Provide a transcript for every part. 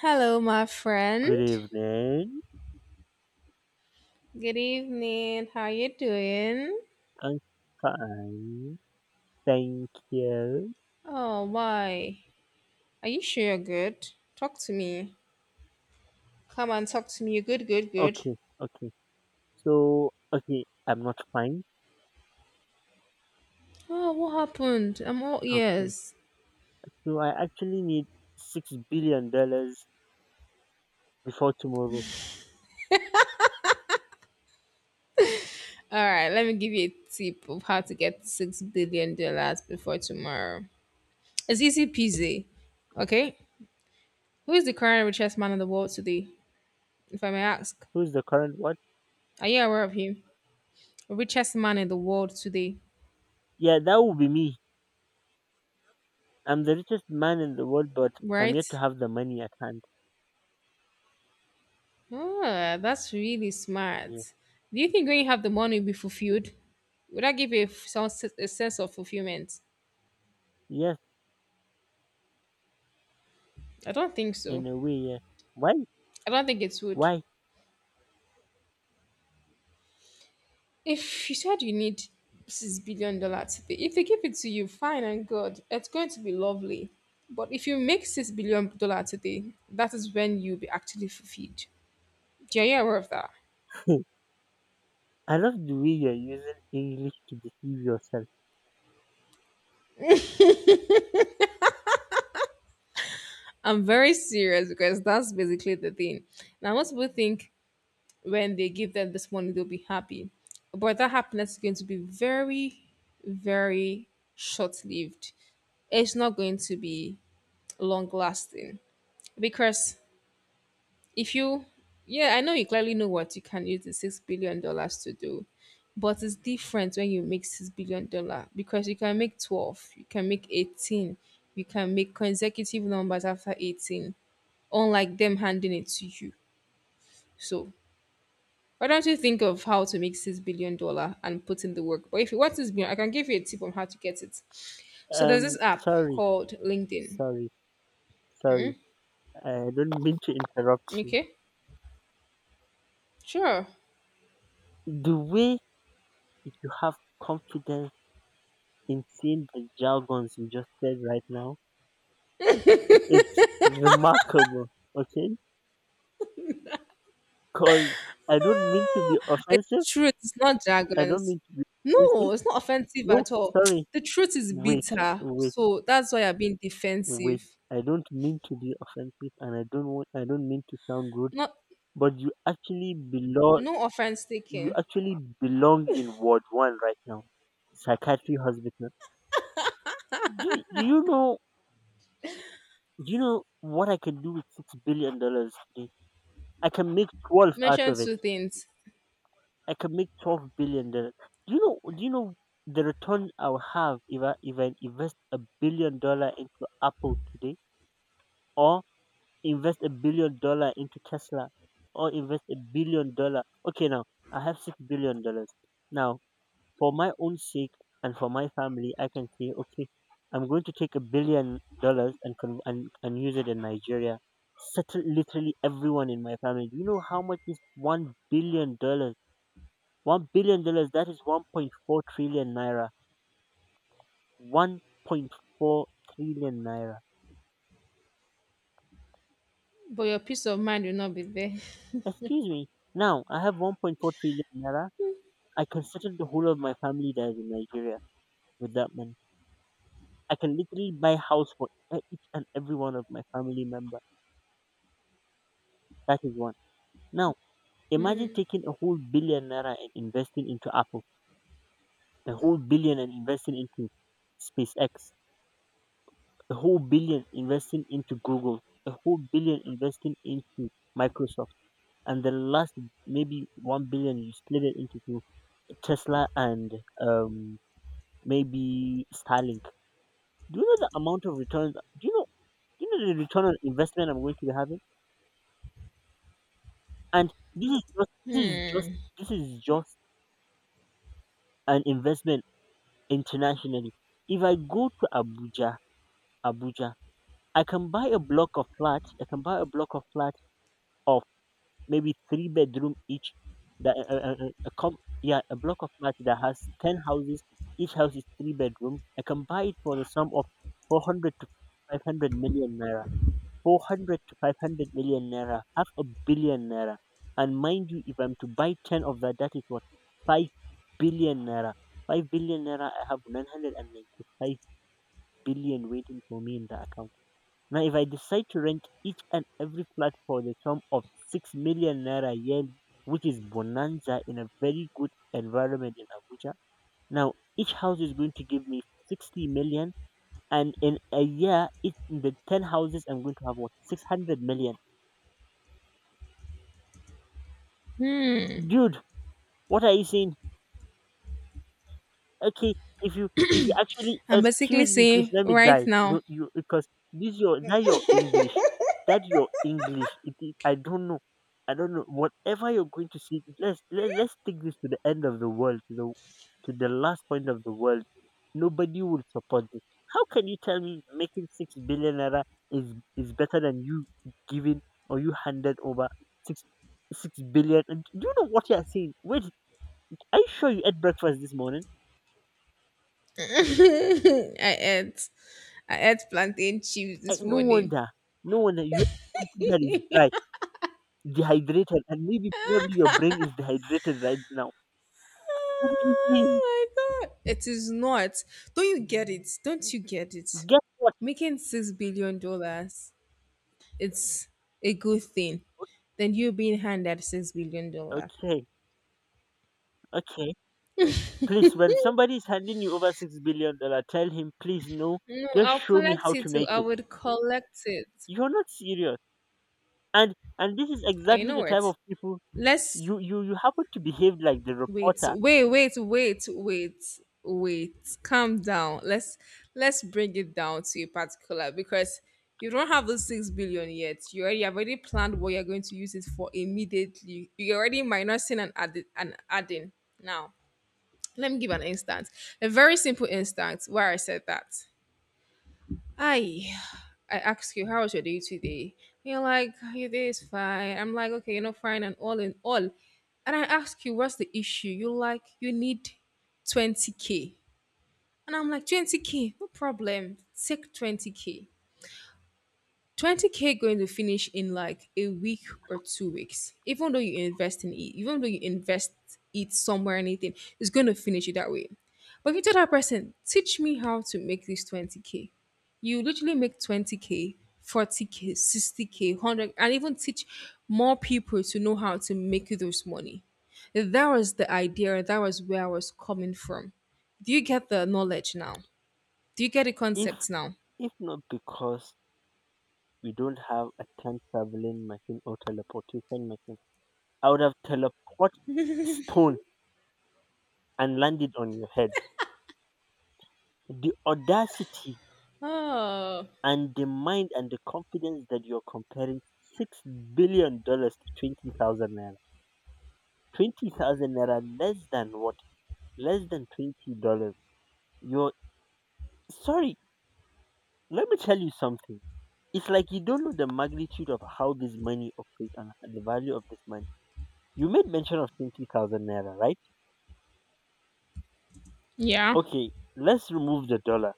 Hello, my friend. Good evening. Good evening. How you doing? I'm fine. Thank you. Oh, why? Are you sure you're good? Talk to me. Come and talk to me. You're good, good, good. Okay, okay. So, okay, I'm not fine. Oh, what happened? I'm all Okay. ears. So, I actually need $6 billion before tomorrow. All right, let me give you a tip of how to get $6 billion before tomorrow. It's easy peasy. Okay, who is the current richest man in the world today? If I may ask, Who's the current what? are you aware of him? Richest man in the world today, Yeah, that would be me. I'm the richest man in the world, but I'm right? yet to have the money at hand. Ah, that's really Yeah. smart. Do you think when you have the money, you'll be fulfilled? Would that give you a, a sense of fulfillment? Yes, I don't think so. in a way, yeah. Why? I don't think it would. Why? If you said you need $6 billion, if they give it to you, fine and good, it's going to be lovely. But if you make $6 billion today, that is when you'll be actually fulfilled. Yeah, you aware of that? I love the way you're using English to deceive yourself. I'm very serious because that's basically the thing. Now, most people think when they give them this money, they'll be happy. But that happiness is going to be very, very short lived. It's not going to be long lasting. Because if you, yeah, I know you clearly know what you can use the $6 billion to do, but it's different when you make $6 billion because you can make 12, you can make 18, you can make consecutive numbers after 18, unlike them handing it to you. So why don't you think of how to make $6 billion and put in the work? But if you want 6 billion, I can give you a tip on how to get it. So there's this app Sorry, called LinkedIn. sorry, sorry. I don't mean to interrupt you. Okay, sure. The way you have confidence in saying the jargons you just said right now, it's remarkable, okay? Because I don't mean to Ah, be it's offensive. the truth. It's not I don't jargons. mean to be No, offensive. it's not offensive No, at all. sorry. The truth is Wait, bitter, wait, so that's why I'm being wait. defensive. I don't mean to be offensive and I don't want, I don't mean to sound rude, Not but you actually belong no offense you taken. actually belong in Ward 1 right now. Psychiatry hospital, do, do you know Do you know what I can do with $6 billion today? I can make 12 out Mention of it. two things, I can make $12 billion. Do you know? Do you know the return I'll have if I invest $1 billion into Apple today, or invest $1 billion into Tesla, or invest $1 billion? Okay, now I have $6 billion. Now for my own sake and for my family, I can say, okay, I'm going to take $1 billion and con- and use it in Nigeria. Settle literally everyone in my family. Do you know how much is $1 billion? $1 billion. That is 1.4 trillion naira. 1.4 trillion naira. but your peace of mind will not be there. Excuse me. Now I have 1.4 trillion naira. I can settle the whole of my family that is in Nigeria with that money. I can literally buy house for each and every one of my family member. That is one. Now, imagine taking a whole billion naira and investing into Apple, a whole billion and investing into SpaceX, a whole billion investing into Google, a whole billion investing into Microsoft, and the last maybe 1 billion you split it into two, Tesla and um, maybe Starlink. Do you know the amount of returns? Do you know? Do you know the return on investment I'm going to be having? And this is just this is just Hmm. this is just an investment internationally. If I go to Abuja, I can buy a block of flat. I can buy a block of flat of maybe three bedroom each. That uh, uh, uh, a com- yeah, a block of flat that has 10 houses. Each house is three bedroom. I can buy it for the sum of 400 to 500 million naira. 400 to 500 million naira, half a billion naira. And mind you, if I'm to buy ten of that, that is what, 5 billion naira. 5 billion naira. I have 995 billion waiting for me in the account. Now, if I decide to rent each and every flat for the sum of 6 million naira yearly, which is bonanza in a very good environment in Abuja, now each house is going to give me 60 million. And in a year, in the 10 houses, I'm going to have what? 600 million. Hmm. Dude, what are you saying? Okay, if you actually, I'm basically excuse me, please saying let me right die. now, No, you, because this your, now your English, that your English. I don't know. Whatever you're going to see, let's take this to the end of the world, to the last point of the world. Nobody will support this. How can you tell me making 6 billion naira is better than you giving, or you handed over six six billion? And do you know what you're saying? Wait, are you sure you ate breakfast this morning? I, I ate plantain chips Uh, this no morning. wonder, no wonder, you have something that is dry, dehydrated, and maybe probably your brain is dehydrated right now. What are you saying? Oh my god. It is not. Don't you get it? Don't you get it? Guess what? Making $6 billion it's a good thing. Then you being handed six billion Okay, dollars. okay, okay. Please, when somebody is handing you over $6 billion, tell him, please no, No, just I'll show me collect how it to too. make I it. would collect it. You're not serious, and this is You exactly know the type what? of people, Let's you happen to behave like the Wait, reporter. wait, wait, wait, wait, wait. Calm down. Let's bring it down to a particular because you don't have the 6 billion yet. You already have already planned what you're going to use it for immediately. You're already minusing and added and adding. Now, let me give an instance. A very simple instance where I said that. Aye. I ask you, how was your day today? You're like, your day is fine. I'm like, okay, you know, fine and all in all. And I ask you, what's the issue? You're like, you need 20K. And I'm like, 20K, no problem. Take 20K. 20K going to finish in like a week or 2 weeks, even though you invest in it, even though you invest it somewhere anything, it's going to finish it that way. But if you tell that person, teach me how to make this 20K, you literally make 20K, 40K, 60K, 100, and even teach more people to know how to make you those money. That was the idea. That was where I was coming from. Do you get the knowledge now? Do you get the If concept now? if not, because we don't have a time traveling machine or teleportation machine. I would have teleported stone and landed on your head. The audacity Oh, and the mind and the confidence that you're comparing $6 billion to 20,000 naira. 20,000 naira, less than what? Less than $20. You're Sorry, let me tell you something. It's like you don't know the magnitude of how this money operates and the value of this money. You made mention of 20,000 naira, right? yeah. Okay, let's remove the dollar.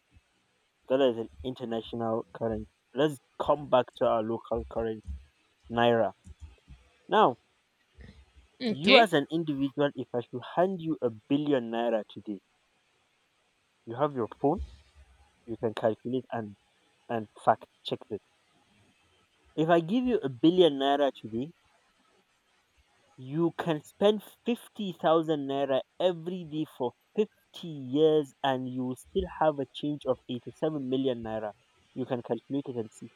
Dollar is an international currency. Let's come back to our local currency, naira. Now, you Okay. as an individual, if I should hand you 1 billion naira today, you have your phone, you can calculate and fact check this. If I give you 1 billion naira today, you can spend 50,000 naira every day for 50 years, and you will still have a change of 87 million naira. You can calculate it and see,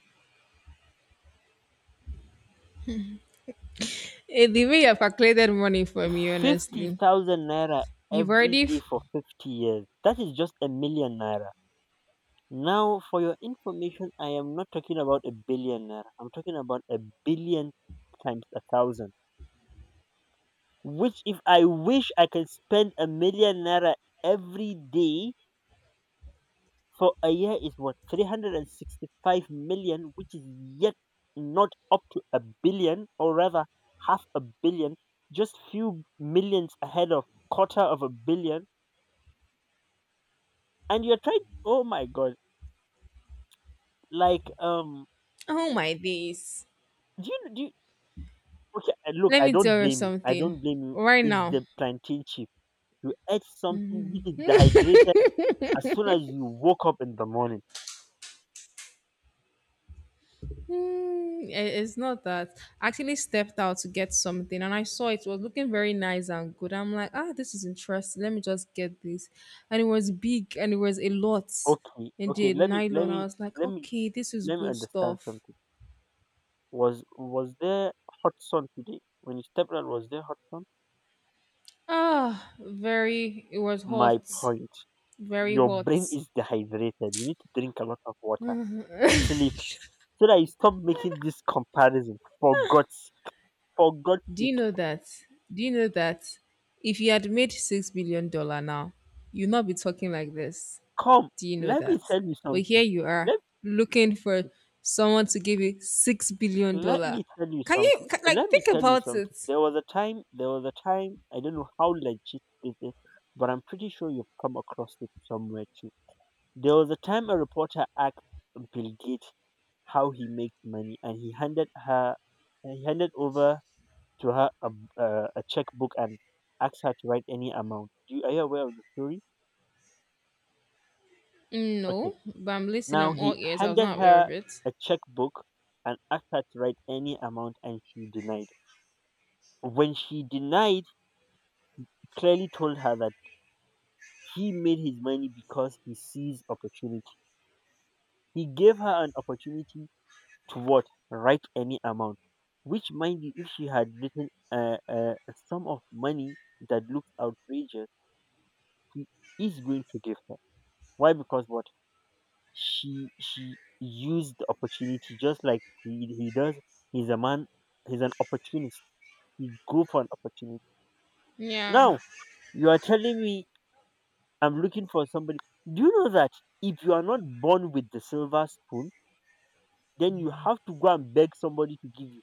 Eh, the way you've calculated money for me, fifty honestly, thousand naira you've every already. day F- for 50 years. That is just 1 million naira. Now, for your information, I am not talking about 1 billion naira. I'm talking about a billion times a thousand. Which, if I wish, I can spend 1 million naira every day for a year, is what, 365 million, which is yet not up to a billion, or rather half a billion, just few millions ahead of quarter of a billion. And you're trying, oh my god, like oh my days! do you do you, okay, look, Let i me don't tell you blame you i something. don't blame you Right It's now, the plantain chip you ate, something which is dehydrated as soon as you woke up in the morning. It's not that. I actually stepped out to get something, and I saw it was looking very nice and good. I'm like, ah, this is interesting. Let me just get this, and it was big, and it was a lot. Okay, okay, Indeed, nylon. I was like, let me okay, this is let me good understand stuff. something. Was there hot sun today when you stepped out? Was there hot sun? Ah, very. It was My hot, point, very your hot. brain is dehydrated, you need to drink a lot of water, sleep, so that you stop making this comparison, for god's Do you sake. know that? Do you know that if you had made $6 billion now, you'd not be talking like this. Come, Do you know let me that? tell you But here something. you are Let looking for someone to give you six billion let me dollar. tell you Can you something. Like Let me think tell you about something. it? There was a time. There was a time. I don't know how legit this is, but I'm pretty sure you've come across it somewhere too. There was a time a reporter asked Bill Gates how he makes money, and he handed over to her a checkbook and asked her to write any amount. Are you aware of the story? Okay. No, but I'm listening. Now I'm all he ears. I was handed not aware of her it. a checkbook and asked her to write any amount, and she denied. When she denied, he clearly told her that he made his money because he sees opportunity. He gave her an opportunity to what? Write any amount. Which, mind you, if she had written a sum of money that looks outrageous, he is going to give her. Why? Because what? He used the opportunity just like he does. He's a man. He's an opportunist. He go for an opportunity. Yeah. Now you are telling me I'm looking for somebody. Do you know that if you are not born with the silver spoon, then you have to go and beg somebody to give you,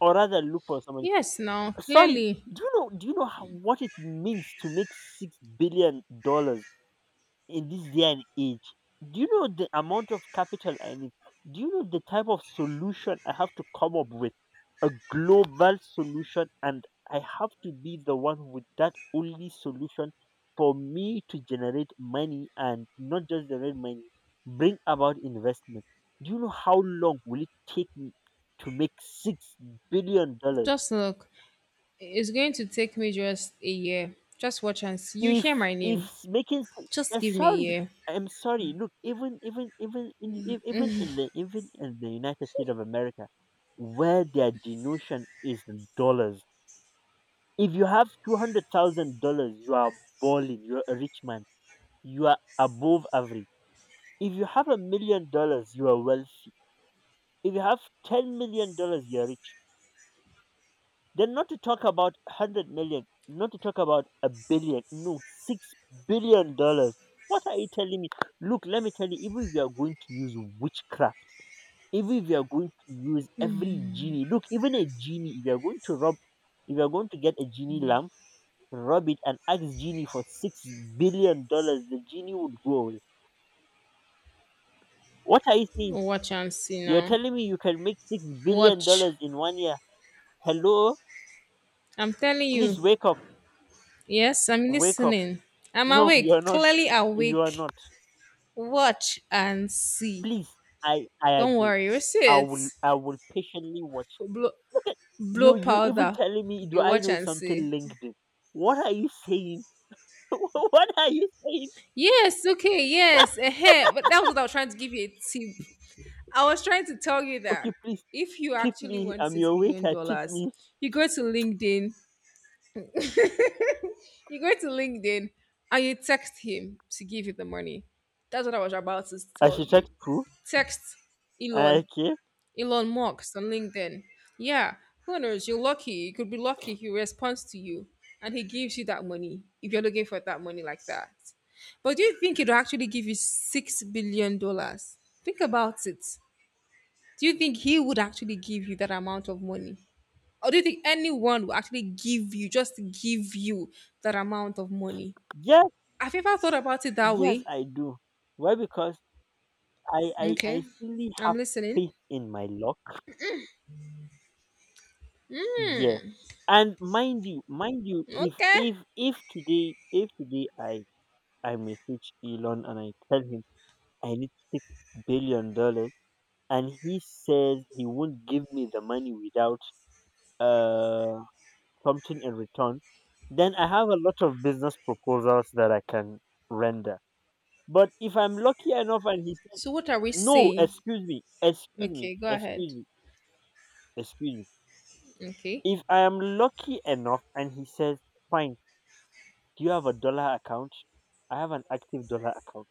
or rather look for somebody. Yes, now Sorry. clearly, Do you know? Do you know what it means to make $6 billion in this day and age? Do you know the amount of capital I need? Do you know the type of solution I have to come up with? A global solution, and I have to be the one with that only solution for me to generate money, and not just generate money, bring about investment. Do you know how long will it take me to make $6 billion? just look. It's going to take me just a year. Just watch and see. You If hear my if name. s- making s- Just give me a sorry, year. I'm sorry. Look, even in the United States of America, where their denotion is in dollars. If you have $200,000, you are balling. You're a rich man. You are above average. If you have $1 million, you are wealthy. If you have $10 million, you're rich. Then not to talk about 100 million, not to talk about a billion, no, $6 billion. What are you telling me? Look, let me tell you, even if you are going to use witchcraft, even if you are going to use every genie, look, even a genie, if you are going to rob, if you are going to get a genie lamp, rob it and ask genie for $6 billion, the genie would go away. What are you saying? Watch and see You're now. telling me you can make 6 billion Watch. dollars in one year. Hello? I'm telling you. Please wake up. Yes, I'm Wake up. listening. I'm No, you're awake, not. clearly You are awake. not. Watch and see. Please, I Don't agree. worry, you see I it. will I will patiently watch. For Blow, blow You even powder. telling me, do You I watch know and something see. LinkedIn? What are you saying? What are you saying? Yes, okay, yes. Eh. But that was what I was trying to give you a tip. I was trying to tell you that Okay, please if you tip actually me. want I'm six your billion waiter. Tip dollars, me. you go to LinkedIn. You go to LinkedIn and you text him to give you the money. That's what I was about to tell you. Architect who? Text Elon, Okay. Elon Musk on LinkedIn. Yeah, who knows? You're lucky. You could be lucky. He responds to you and he gives you that money if you're looking for that money like that. But do you think he'd actually give you $6 billion? Think about it. Do you think he would actually give you that amount of money? Or do you think anyone will actually give you, just give you that amount of money? Yes, Have you ever thought about it that yes, way? I do. Why? Because I Okay, fully have I'm listening. faith in my luck. Yeah. And mind you, if Okay. if if today if today I message Elon and I tell him I need $6 billion, and he says he won't give me the money without uh something in return. Then I have a lot of business proposals that I can render. But if I'm lucky enough and he says So what are we no, saying? excuse me, excuse me, Okay, go excuse ahead. me, excuse me. Okay, If I am lucky enough and he says fine, do you have a dollar account? I have an active dollar account.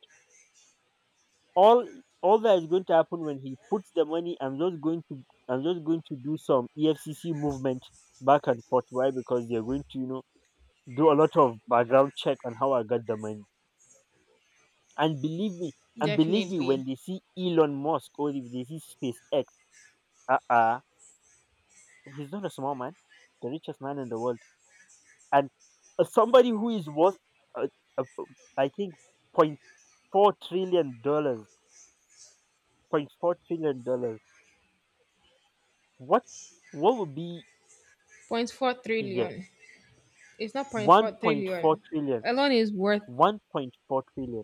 all all that is going to happen when he puts the money, I'm just going to, do some EFCC movement back and forth. Why? Because they're going to, you know, do a lot of background check on how I got the money. And believe me, and believe me, definitely. when they see Elon Musk, or if they see SpaceX, uh-uh he's not a small man, the richest man in the world. And somebody who is worth, uh, uh, I think, point 0.4 trillion dollars, point 0.4 trillion dollars. What? What would be? Point 0.4 Yes, trillion. It's not point 0.4 1.4 trillion. trillion, Alone is worth. 1.4 trillion.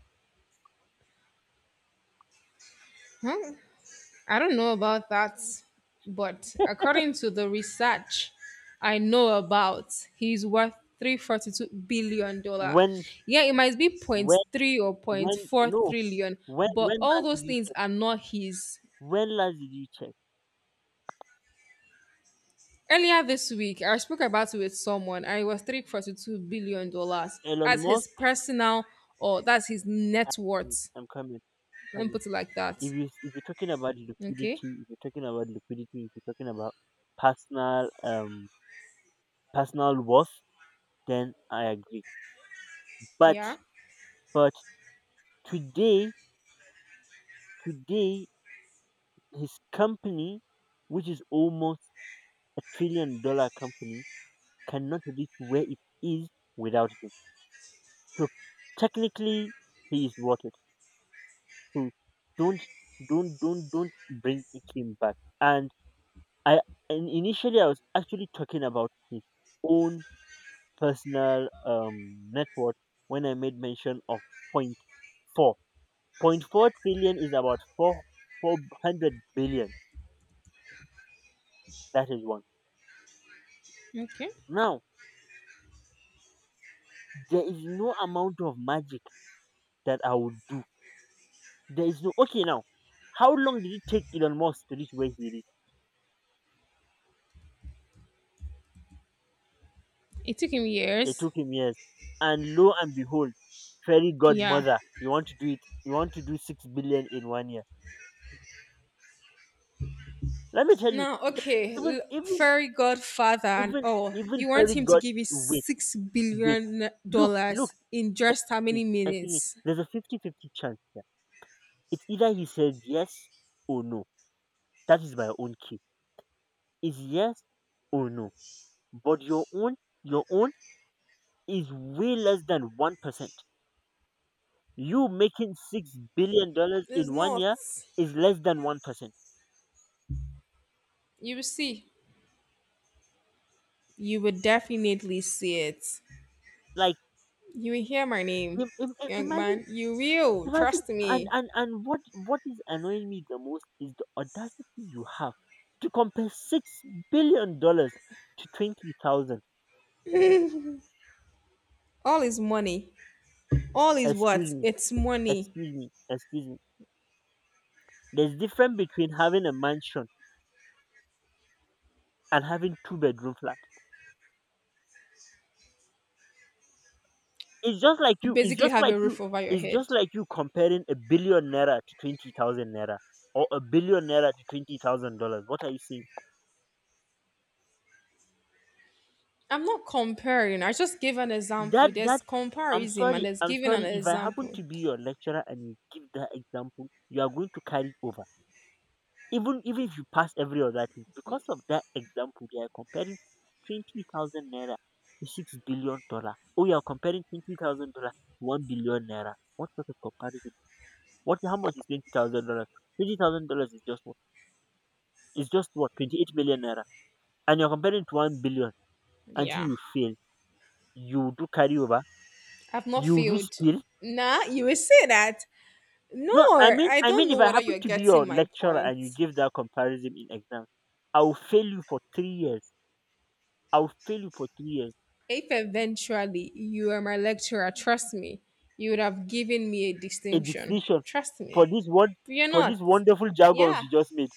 Huh? I don't know about that, but according to the research I know about, he's worth 342 billion dollar. when Yeah, it might be point when three or point when 0.4 no, trillion, when but when all last did those you things check? are not his. When last did you check Earlier this week, I spoke about it with someone and it was $342 billion dollars Elon as his Musk? personal or that's his net i'm worth. I'm coming. I'm Let me coming. put it like that. If you're talking about Okay. liquidity if you're talking about liquidity if you're talking about personal um personal worth, then I agree. But Yeah. but today, today his company, which is almost a trillion dollar company, cannot reach where it is without him. So technically, he is worth it. So don't, don't bring him back. And I, and initially, I was actually talking about his own personal net worth when I made mention of point four. Point four trillion is about four four hundred billion. That is one. Okay. Now there is no amount of magic that I would do. There is no Okay, now. How long did it take Elon Musk to reach where he reached? It took him It years. took him years. And lo and behold, fairy Yeah. godmother, you want to do it. You want to do 6 billion in one year. Let me tell you, Now, okay, even even fairy godfather and even all. even You want fairy him to god, give you wait, six wait. billion Look, look. dollars in just how See, many excuse me. minutes? There's a 50-50 chance here. It's either he said yes or no. That is my own key. Is yes or no. But your own is way less than 1%. You making $6 billion It's in one not. year is less than 1%. You will see. You will definitely see it. Like You will hear my name, young imagine, man. You will. imagine, Trust and me. and and what is annoying me the most is the audacity you have to compare $6 billion to 20,000. All is money. All is what? Excuse me, It's money. excuse me, excuse me. There's difference between having a mansion and having two-bedroom flat. It's just like You you it's basically just have like a you roof over your it's head. just like you comparing a billion naira to 20,000 naira, or a billion naira to $20,000. What are you saying? I'm not comparing. I just gave an example. That There's that I'm comparison and sorry, there's I'm giving an sorry, if I happen example. to be your lecturer and you give that example, you are going to carry over. Even if you pass every other thing, because of that example, they are comparing 20,000 naira to 6 billion dollar. Oh, you are comparing $20,000 to 1 billion naira. What sort of comparison? What? How much is $20,000? $20,000 is just what? Is just what? 28 million naira, and you're comparing it to 1 billion. Until Yeah. you fail, you do carryover, I've not you do failed. spill. Nah, you will say that. No, No, I mean, I I don't mean, if know I whether happen you're to be getting your my lecturer point. and you give that comparison in exam, I will fail you for 3 years. I will fail you for 3 years. If eventually you are my lecturer, trust me, you would have given me a A distinction. dictation Trust for me. this word, You're for these not. wonderful jargons Yeah. you just made.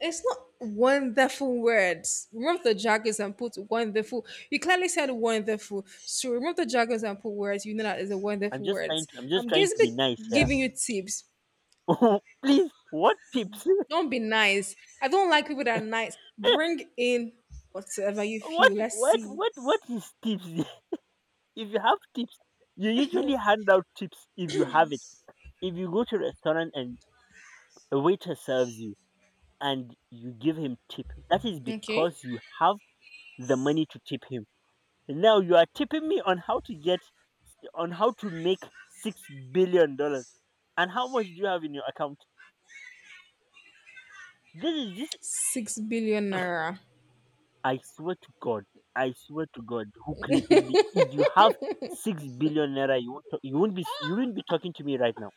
It's not wonderful words. Remove the jargons and put wonderful. You clearly said wonderful. So remove the jargons and put words. You know that is a wonderful words. I'm I'm just trying to basically be nice here. giving you tips. Please, what tips? Don't be nice. I don't like people that are nice. Bring in whatever you what feel. Let's what see. what what is tips? If you have tips, you usually hand out tips if you have it. If you go to a restaurant and a waiter serves you and you give him tip, that is Okay. because you have the money to tip him. Now you are tipping me on how to get, on how to make $6 billion. And how much do you have in your account? This is just, 6 billion naira. I swear to God, I swear to God who created me. If you have 6 billion naira, you won't talk, you won't be talking to me right now.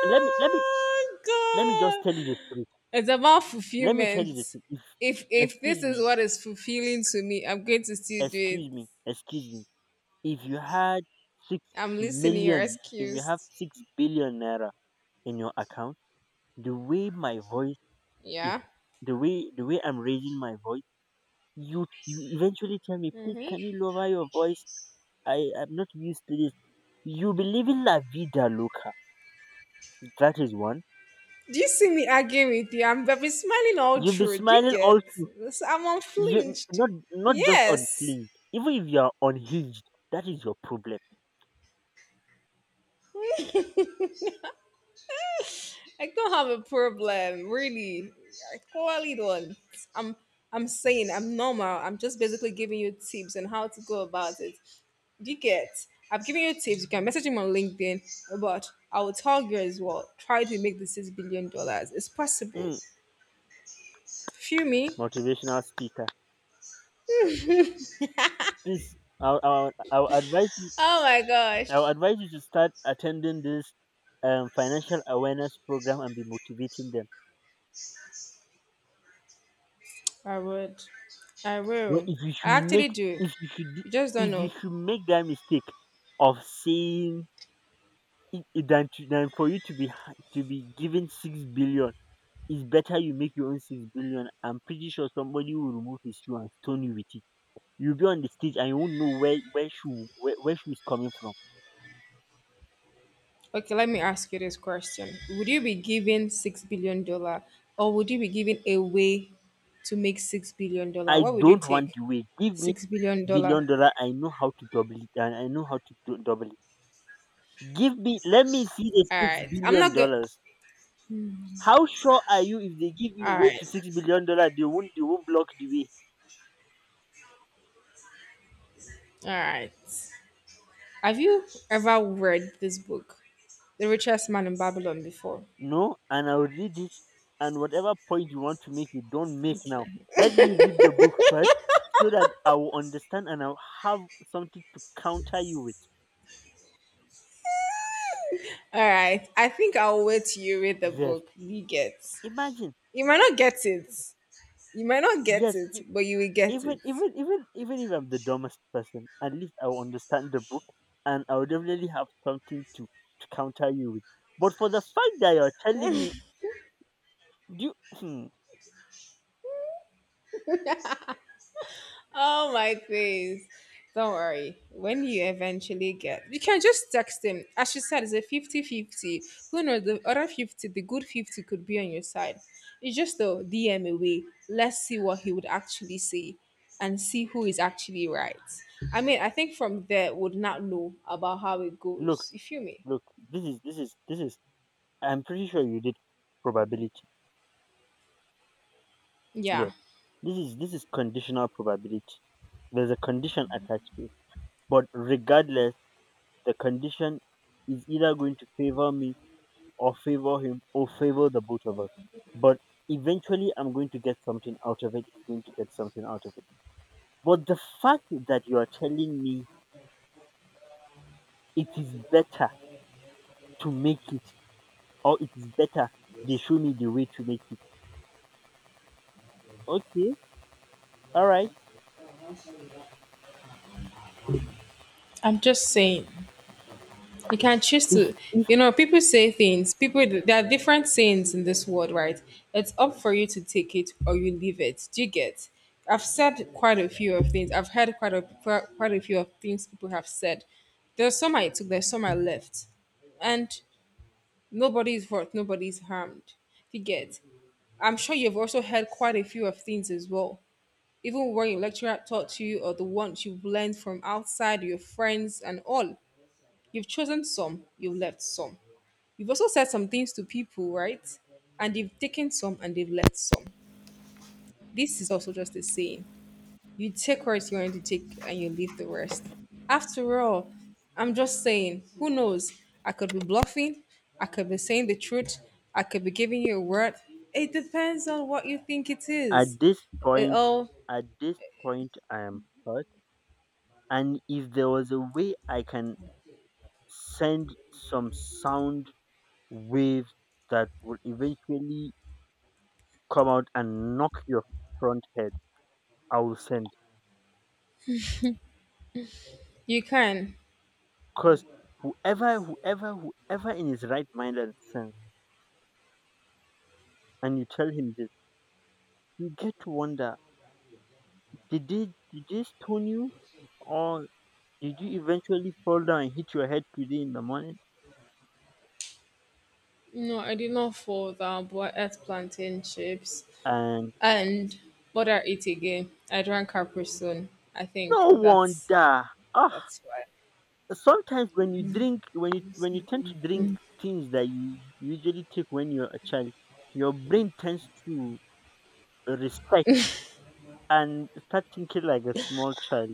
And let me just tell you the God. truth. It's about Let me tell you the fulfillment. thing. If If this Excuse is me, what is fulfilling to me, I'm going to still do it. excuse me, excuse me. If you had six I'm listening. You're million, if you have excused. 6 billion naira in your account, the way my voice is, Yeah. the way I'm raising my voice, you eventually tell me, please, Mm-hmm. can you lower your voice? I am not used to this. You'll be living la vida loca. That is one. Do you see me arguing with you? I've been smiling all You be through. Do you smiling get? all through. This- I'm You unflinched. not, not just Yes. unhinged. Even if you are unhinged, that is your problem. I don't have a problem, really. I clearly don't. I'm I'm saying I'm normal. I'm just basically giving you tips on how to go about it. Do you get? I've given you tips. You can message him on LinkedIn, but I will tell you as well. Try to make the $6 billion. It's possible. Mm. Feel me? Motivational speaker. Please, I'll advise you. Oh my I'll gosh. advise you to start attending this financial awareness program and be motivating them. I would. I But will. if you I should make, actually do. if you should, You just don't if you know. should make that mistake of saying it, than for you to to be given 6 billion, it's better you make your own 6 billion. I'm pretty sure somebody will remove his shoe and stone you with it. You'll be on the stage and you won't know where shoe is coming from. Okay, let me ask you this question. Would you be giving $6 billion or would you be giving a way to make $6 billion? I What would you don't want take? the way. Give me $6 billion. billion dollar. I know how to double it, and I know how to do, double it. Give me. Let me see the All six right. I'm billion not good. dollars. How sure are you if they give you All way right. to $6 billion, they won't block the way? All right. Have you ever read this book, The Richest Man in Babylon, before? No, and I'll read it, and whatever point you want to make, you don't make now. Let me read the book first, so that I will understand and I'll have something to counter you with. All right, I think I'll wait till you read the Yes, book. You get. imagine. You might not get it. You might not get Yes, it, but you will get even it. even even even if I'm the dumbest person, at least I will understand the book, and I will definitely have something to counter you with. But for the fact that you're telling me, do you, hmm, Oh my days. Don't worry. When you eventually get, you can just text him. As you said, it's a 50-50. Who knows? The other 50, the good 50 could be on your side. It's just a DM away. Let's see what he would actually say and see who is actually right. I mean, I think from there, would not know about how it look, goes. You feel me? look. This is this is this is. I'm pretty sure you did probability. Yeah. Yeah, this is conditional probability. There's a condition attached to it, but regardless, the condition is either going to favor me, or favor him, or favor the both of us. But eventually I'm going to get something out of it. He's going to get something out of it. But the fact that you are telling me it is better to make it, or it is better they show me the way to make it. Okay, all right. I'm just saying. You can choose to, you know, people say things, people, there are different sayings in this world, right? It's up for you to take it or you leave it. Do you get? I've said quite a few of things. I've heard quite a few of things people have said. There's some I took, there's some I left. And nobody's hurt, nobody's harmed. Do you get? I'm sure you've also heard quite a few of things as well. Even when your lecturer taught to you or the ones you've learned from outside, your friends and all. You've chosen some, you've left some. You've also said some things to people, right? And they've taken some and they've left some. This is also just a saying. You take what you want to take and you leave the rest. After all, I'm just saying, who knows? I could be bluffing, I could be saying the truth, I could be giving you a word. It depends on what you think it is. At this It point, all at this point, I am hurt. And if there was a way I can send some sound waves that will eventually come out and knock your front head, I will send. You can. Because whoever, whoever, whoever in his right mind and sense, and you tell him this, you get to wonder, did they stone you, or did you eventually fall down and hit your head today in the morning? No, I did not fall down, but I ate plantain chips And and but I eat again. I drank Capri Sun. I think no that's wonder. Ah, That's why. sometimes when you drink, when you tend to drink things that you usually take when you're a child, your brain tends to reset and start thinking like a small child.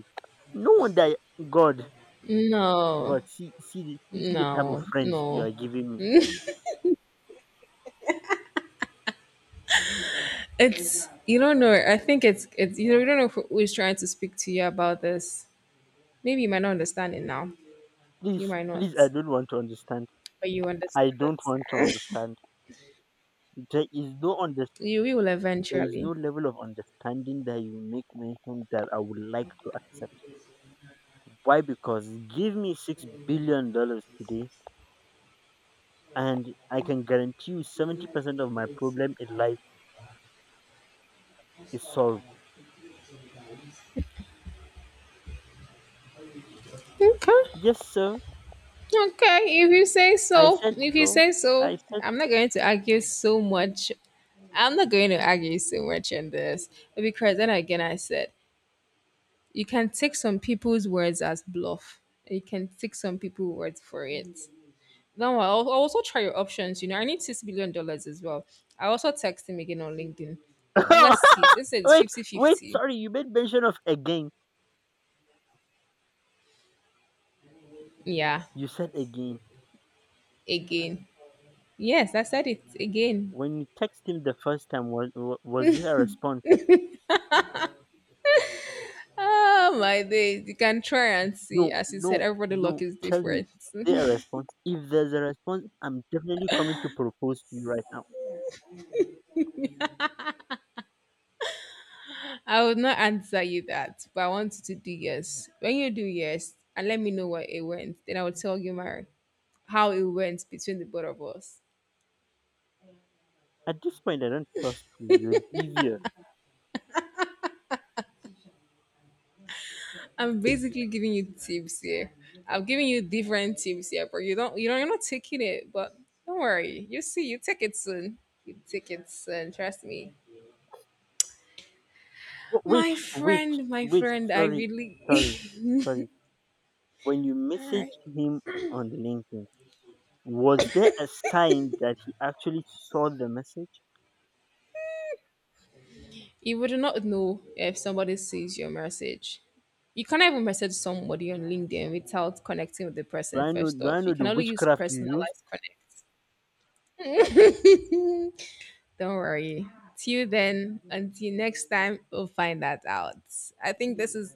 No wonder, God, No, see, see the type of no, friends you no. are giving me. It's You don't know. I think it's you don't know who is trying to speak to you about this. Maybe you might not understand it now. You Please, might not, please, I don't want to understand. but you understand I it. don't want to understand. There is no under, You will there is no eventually. level of understanding that you make mention that I would like to accept. Why? Because give me $6 billion today, and I can guarantee you 70% of my problem in life is solved. Okay. Yes, sir. Okay. If you say I so, said if you so. say so, I said. I'm not going to argue so much. I'm not going to argue so much in this because then again, I said you can take some people's words as bluff. You can take some people's words for it. No, I'll also try your options. You know, I need $6 billion as well. I also text him again on LinkedIn. Let's see. Since it's Wait, wait. 50-50. Sorry, you made mention of again. Yeah, You said again. again. Yes, I said it again. When you text him the first time, was there a response? Oh my days. You can try and see. No, As you said, no, everybody luck no. is Tell me, different. was there a response? If there's a response, I'm definitely coming to propose to you right now. I would not answer you that, but I want you to do yes. When you do yes, and let me know where it went, then I will tell you my how it went between the both of us. At this point, I don't trust you. You're devious. I'm basically giving you tips here. I'm giving you different tips here, but you know you're not taking it, but don't worry. You see, you take it soon. You take it soon, trust me. Wait, wait, My wait. friend, I Sorry, really sorry, sorry. When you alright. messaged him on the LinkedIn, was there a sign that he actually saw the message? You would not know if somebody sees your message. You can't even message somebody on LinkedIn without connecting with the Do person I know? first Do I off. You know can the only use witchcraft you use? personalized connect. Don't worry. Till then, until next time, we'll find that out. I think this is,